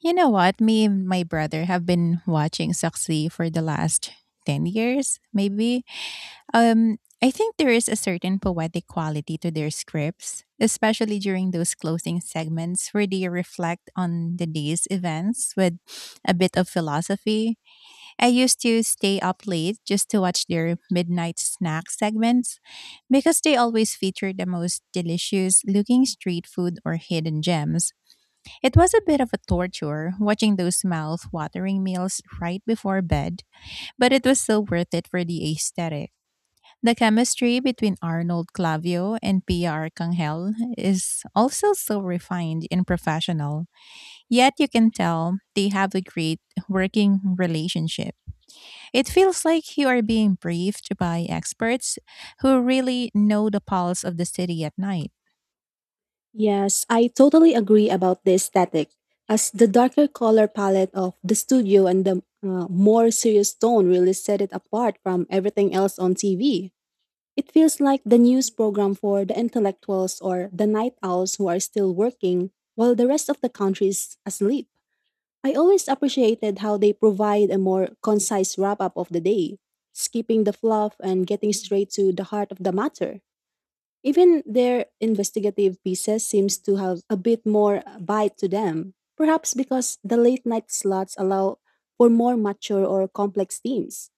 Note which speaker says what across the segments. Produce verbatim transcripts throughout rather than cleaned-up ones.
Speaker 1: You know what? Me and my brother have been watching Saksi for the last ten years, maybe. Um, I think there is a certain poetic quality to their scripts, especially during those closing segments where they reflect on the day's events with a bit of philosophy. I used to stay up late just to watch their midnight snack segments because they always feature the most delicious looking street food or hidden gems. It was a bit of a torture watching those mouth-watering meals right before bed, but it was so worth it for the aesthetic. The chemistry between Arnold Clavio and Pia Arcangel is also so refined and professional, yet you can tell they have a great working relationship. It feels like you are being briefed by experts who really know the pulse of the city at night.
Speaker 2: Yes, I totally agree about the aesthetic, as the darker color palette of the studio and the uh, more serious tone really set it apart from everything else on T V. It feels like the news program for the intellectuals or the night owls who are still working while the rest of the country is asleep. I always appreciated how they provide a more concise wrap up of the day, skipping the fluff and getting straight to the heart of the matter. Even their investigative pieces seems to have a bit more bite to them, perhaps because the late night slots allow for more mature or complex themes.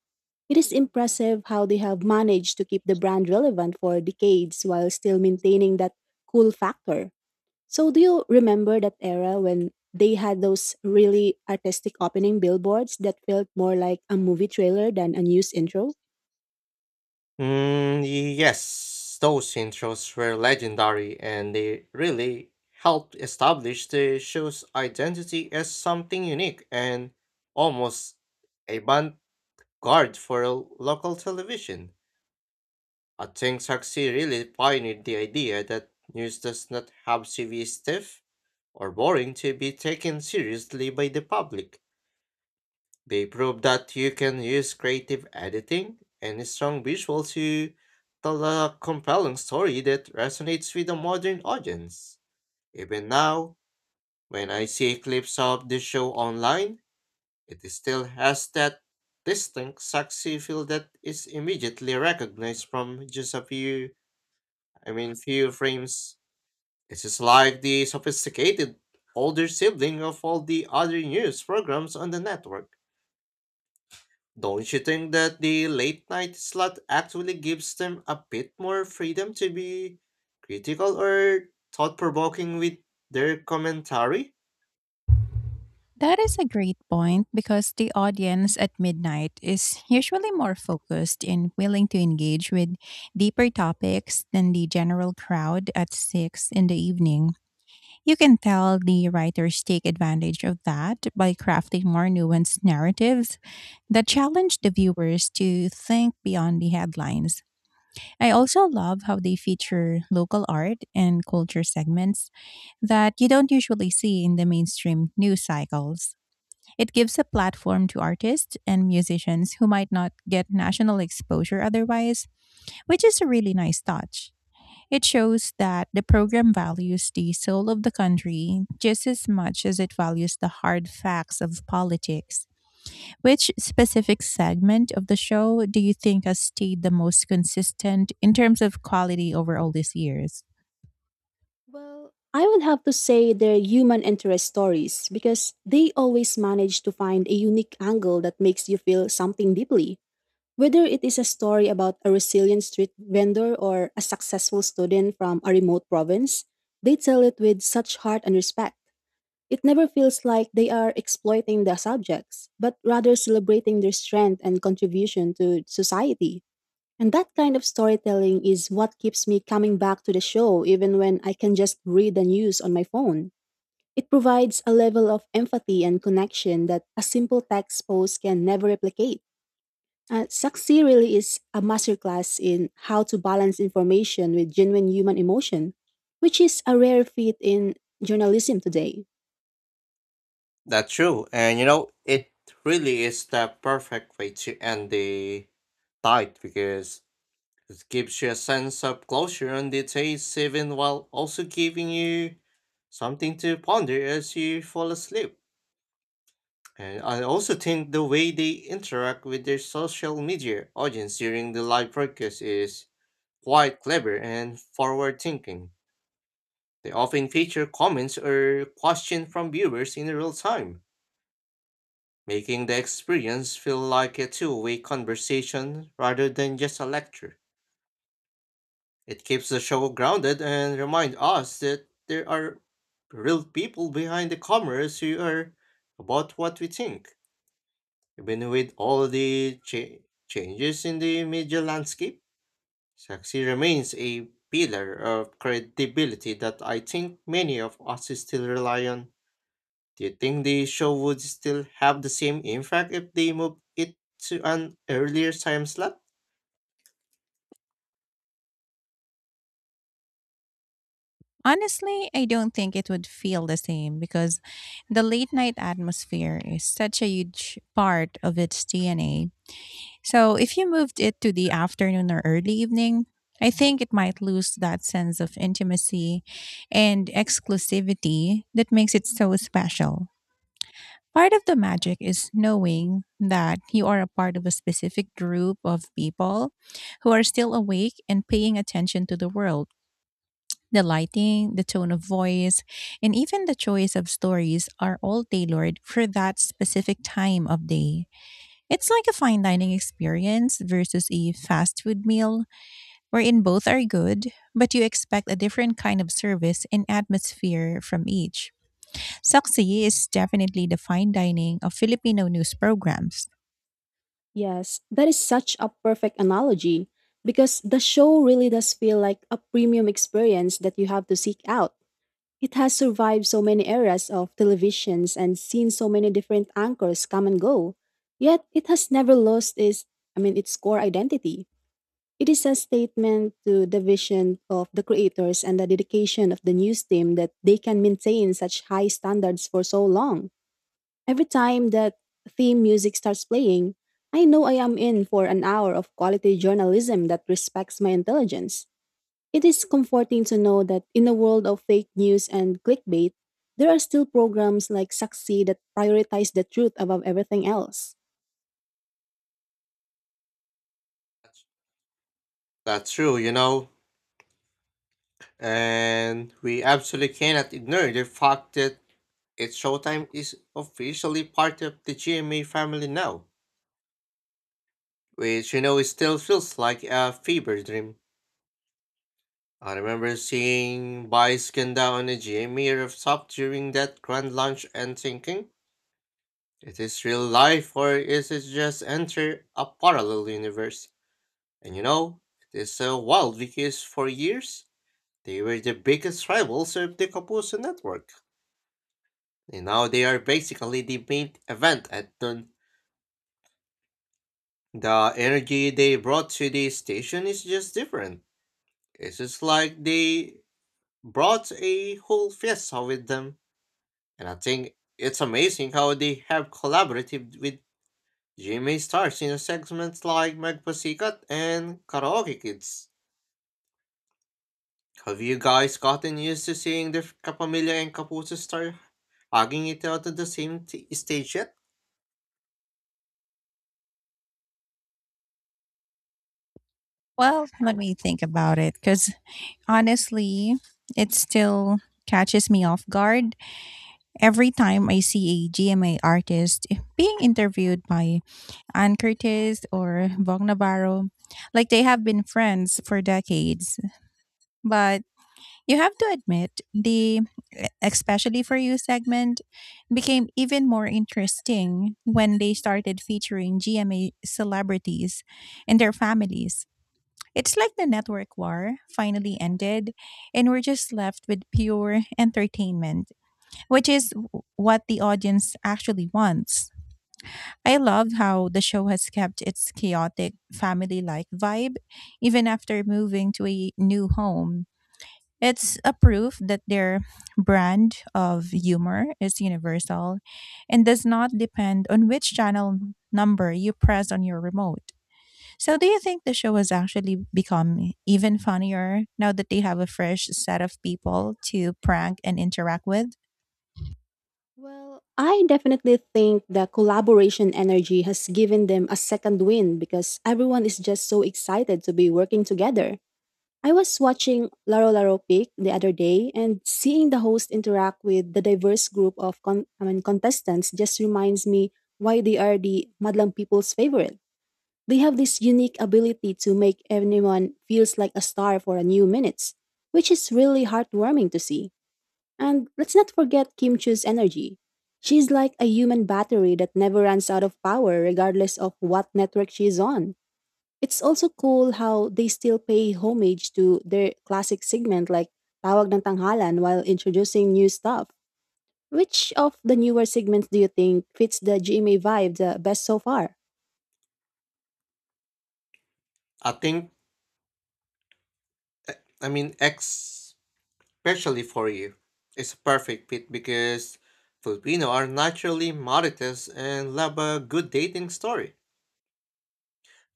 Speaker 2: It is impressive how they have managed to keep the brand relevant for decades while still maintaining that cool factor. So do you remember that era when they had those really artistic opening billboards that felt more like a movie trailer than a news intro?
Speaker 3: Mm, yes, those intros were legendary and they really helped establish the show's identity as something unique and almost avant-garde for a local television. I think Saxi really pioneered the idea that news does not have to be stiff or boring to be taken seriously by the public. They prove that you can use creative editing and strong visuals to tell a compelling story that resonates with a modern audience. Even now, when I see clips of the show online, it still has that distinct sexy feel that is immediately recognized from just a few, I mean, few frames. This is like the sophisticated older sibling of all the other news programs on the network. Don't you think that the late night slot actually gives them a bit more freedom to be critical or thought provoking with their commentary?
Speaker 1: That is a great point because the audience at midnight is usually more focused and willing to engage with deeper topics than the general crowd at six in the evening. You can tell the writers take advantage of that by crafting more nuanced narratives that challenge the viewers to think beyond the headlines. I also love how they feature local art and culture segments that you don't usually see in the mainstream news cycles. It gives a platform to artists and musicians who might not get national exposure otherwise, which is a really nice touch. It shows that the program values the soul of the country just as much as it values the hard facts of politics. Which specific segment of the show do you think has stayed the most consistent in terms of quality over all these years?
Speaker 2: Well, I would have to say they're human interest stories because they always manage to find a unique angle that makes you feel something deeply. Whether it is a story about a resilient street vendor or a successful student from a remote province, they tell it with such heart and respect. It never feels like they are exploiting the subjects, but rather celebrating their strength and contribution to society. And that kind of storytelling is what keeps me coming back to the show even when I can just read the news on my phone. It provides a level of empathy and connection that a simple text post can never replicate. Uh, Saksi really is a masterclass in how to balance information with genuine human emotion, which is a rare feat in journalism today.
Speaker 3: That's true, and you know, it really is the perfect way to end the night because it gives you a sense of closure on the taste, even while also giving you something to ponder as you fall asleep. And I also think the way they interact with their social media audience during the live broadcast is quite clever and forward thinking. They often feature comments or questions from viewers in real time, making the experience feel like a two way conversation rather than just a lecture. It keeps the show grounded and reminds us that there are real people behind the cameras who are about what we think. Even with all the cha- changes in the media landscape, Saxi remains a pillar of credibility that I think many of us still rely on. Do you think the show would still have the same impact if they moved it to an earlier time slot?
Speaker 1: Honestly, I don't think it would feel the same because the late night atmosphere is such a huge part of its D N A. So, if you moved it to the afternoon or early evening, I think it might lose that sense of intimacy and exclusivity that makes it so special. Part of the magic is knowing that you are a part of a specific group of people who are still awake and paying attention to the world. The lighting, the tone of voice, and even the choice of stories are all tailored for that specific time of day. It's like a fine dining experience versus a fast food meal, wherein both are good, but you expect a different kind of service and atmosphere from each. Saksi is definitely the fine dining of Filipino news programs.
Speaker 2: Yes, that is such a perfect analogy because the show really does feel like a premium experience that you have to seek out. It has survived so many eras of televisions and seen so many different anchors come and go. Yet it has never lost its I mean its core identity. It is a statement to the vision of the creators and the dedication of the news team that they can maintain such high standards for so long. Every time that theme music starts playing, I know I am in for an hour of quality journalism that respects my intelligence. It is comforting to know that in a world of fake news and clickbait, there are still programs like Saksi that prioritize the truth above everything else.
Speaker 3: That's true, you know. And we absolutely cannot ignore the fact that its showtime is officially part of the G M A family now, which you know it still feels like a fever dream. I remember seeing Vice Ganda on a G M E rooftop during that grand launch and thinking, it is real life or is it just enter a parallel universe? And you know, it is so wild because for years they were the biggest rivals of the Kapuso network. And now they are basically the main event at noon. The energy they brought to the station is just different. It's just like they brought a whole fiesta with them. And I think it's amazing how they have collaborated with G M A stars in segments like Magpasikat and Karaoke Kids. Have you guys gotten used to seeing the Kapamilya and Kapuso star hugging it out at the same t- stage yet?
Speaker 1: Well, let me think about it because, honestly, it still catches me off guard. Every time I see a G M A artist being interviewed by Ann Curtis or Vaughn Navarro, like they have been friends for decades. But you have to admit, the especially for you segment became even more interesting when they started featuring G M A celebrities and their families. It's like the network war finally ended, and we're just left with pure entertainment, which is w- what the audience actually wants. I love how the show has kept its chaotic family like vibe even after moving to a new home. It's a proof that their brand of humor is universal and does not depend on which channel number you press on your remote. So, do you think the show has actually become even funnier now that they have a fresh set of people to prank and interact with?
Speaker 2: Well, I definitely think the collaboration energy has given them a second win because everyone is just so excited to be working together. I was watching Laro Laro Pic the other day, and seeing the host interact with the diverse group of con- I mean, contestants just reminds me why they are the Madlang people's favorite. They have this unique ability to make anyone feels like a star for a new minutes, which is really heartwarming to see. And let's not forget Kim Chu's energy. She's like a human battery that never runs out of power regardless of what network she's on. It's also cool how they still pay homage to their classic segment like Tawag ng Tanghalan while introducing new stuff. Which of the newer segments do you think fits the G M A vibe the best so far?
Speaker 3: I think, uh, I mean, ex- especially for you, it's a perfect fit because Filipino are naturally modest and love a good dating story,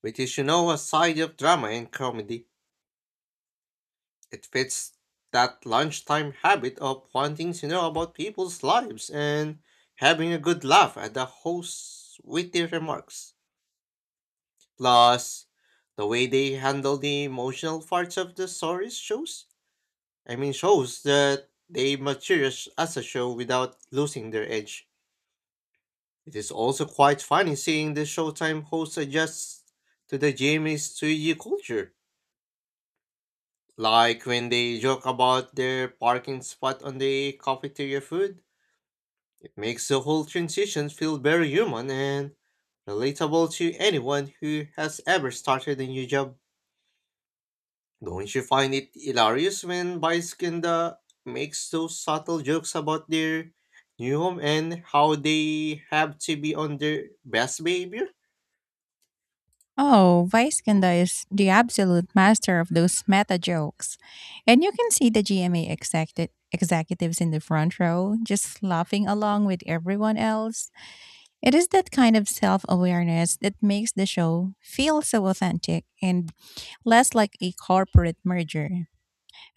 Speaker 3: which is, you know, a side of drama and comedy. It fits that lunchtime habit of wanting to know about people's lives and having a good laugh at the hosts witty remarks. Plus, the way they handle the emotional parts of the stories shows. I mean, shows that they mature as as a show without losing their edge. It is also quite funny seeing the Showtime hosts adjust to the Jamie Studio culture. Like when they joke about their parking spot on the cafeteria food, makes the whole transition feel very human and relatable to anyone who has ever started a new job. Don't you find it hilarious when Baiskinda makes those subtle jokes about their new home and how they have to be on their best behavior?
Speaker 1: Oh, Viskanda is the absolute master of those meta jokes. And you can see the G M A executive executives in the front row just laughing along with everyone else. It is that kind of self awareness that makes the show feel so authentic and less like a corporate merger.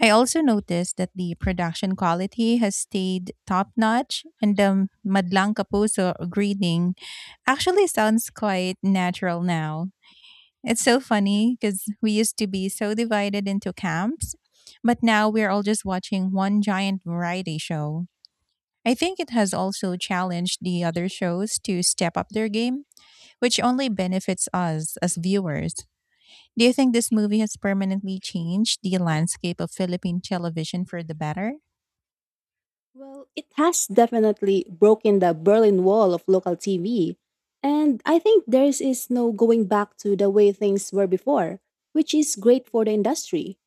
Speaker 1: I also noticed that the production quality has stayed top notch and the Madlang Kapuso greeting actually sounds quite natural now. It's so funny because we used to be so divided into camps, but now we're all just watching one giant variety show. I think it has also challenged the other shows to step up their game, which only benefits us as viewers. Do you think this movie has permanently changed the landscape of Philippine television for the better?
Speaker 2: Well, it has definitely broken the Berlin Wall of local T V. And I think there is no going back to the way things were before, which is great for the industry.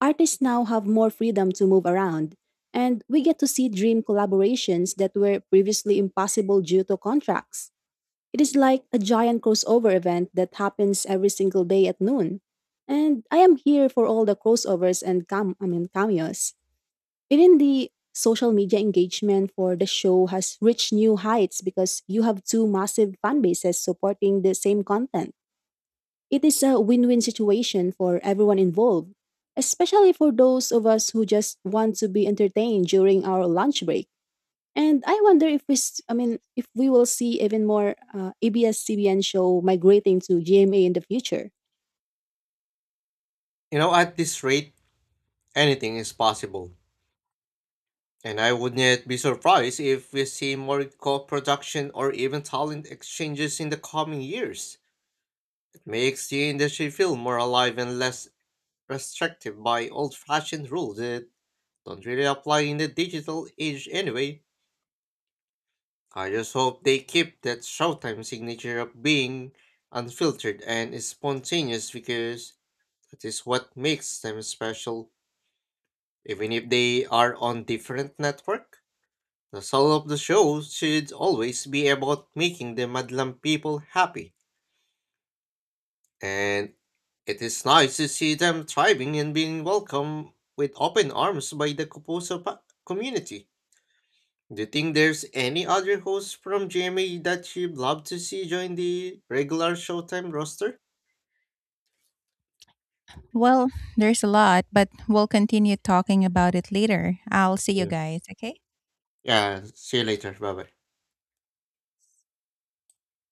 Speaker 2: Artists now have more freedom to move around, and we get to see dream collaborations that were previously impossible due to contracts. It is like a giant crossover event that happens every single day at noon. And I am here for all the crossovers and cam- I mean cameos. Even the social media engagement for the show has reached new heights because you have two massive fan bases supporting the same content. It is a win win situation for everyone involved, especially for those of us who just want to be entertained during our lunch break. And I wonder if we, s- I mean, if we will see even more uh, A B S-C B N show migrating to G M A in the future.
Speaker 3: You know, at this rate, anything is possible. And I wouldn't be surprised if we see more co production or even talent exchanges in the coming years. Makes the industry feel more alive and less restrictive by old fashioned rules that don't really apply in the digital age anyway. I just hope they keep that Showtime signature of being unfiltered and spontaneous because that is what makes them special. Even if they are on different network, the soul of the show should always be about making the Madlam people happy. And it is nice to see them thriving and being welcomed with open arms by the Kupuso pa- community. Do you think there's any other host from G M A that you'd love to see join the regular Showtime roster?
Speaker 1: Well, there's a lot, but we'll continue talking about it later. I'll see you
Speaker 3: Yeah.
Speaker 1: guys, okay?
Speaker 3: Yeah, see you later. Bye bye.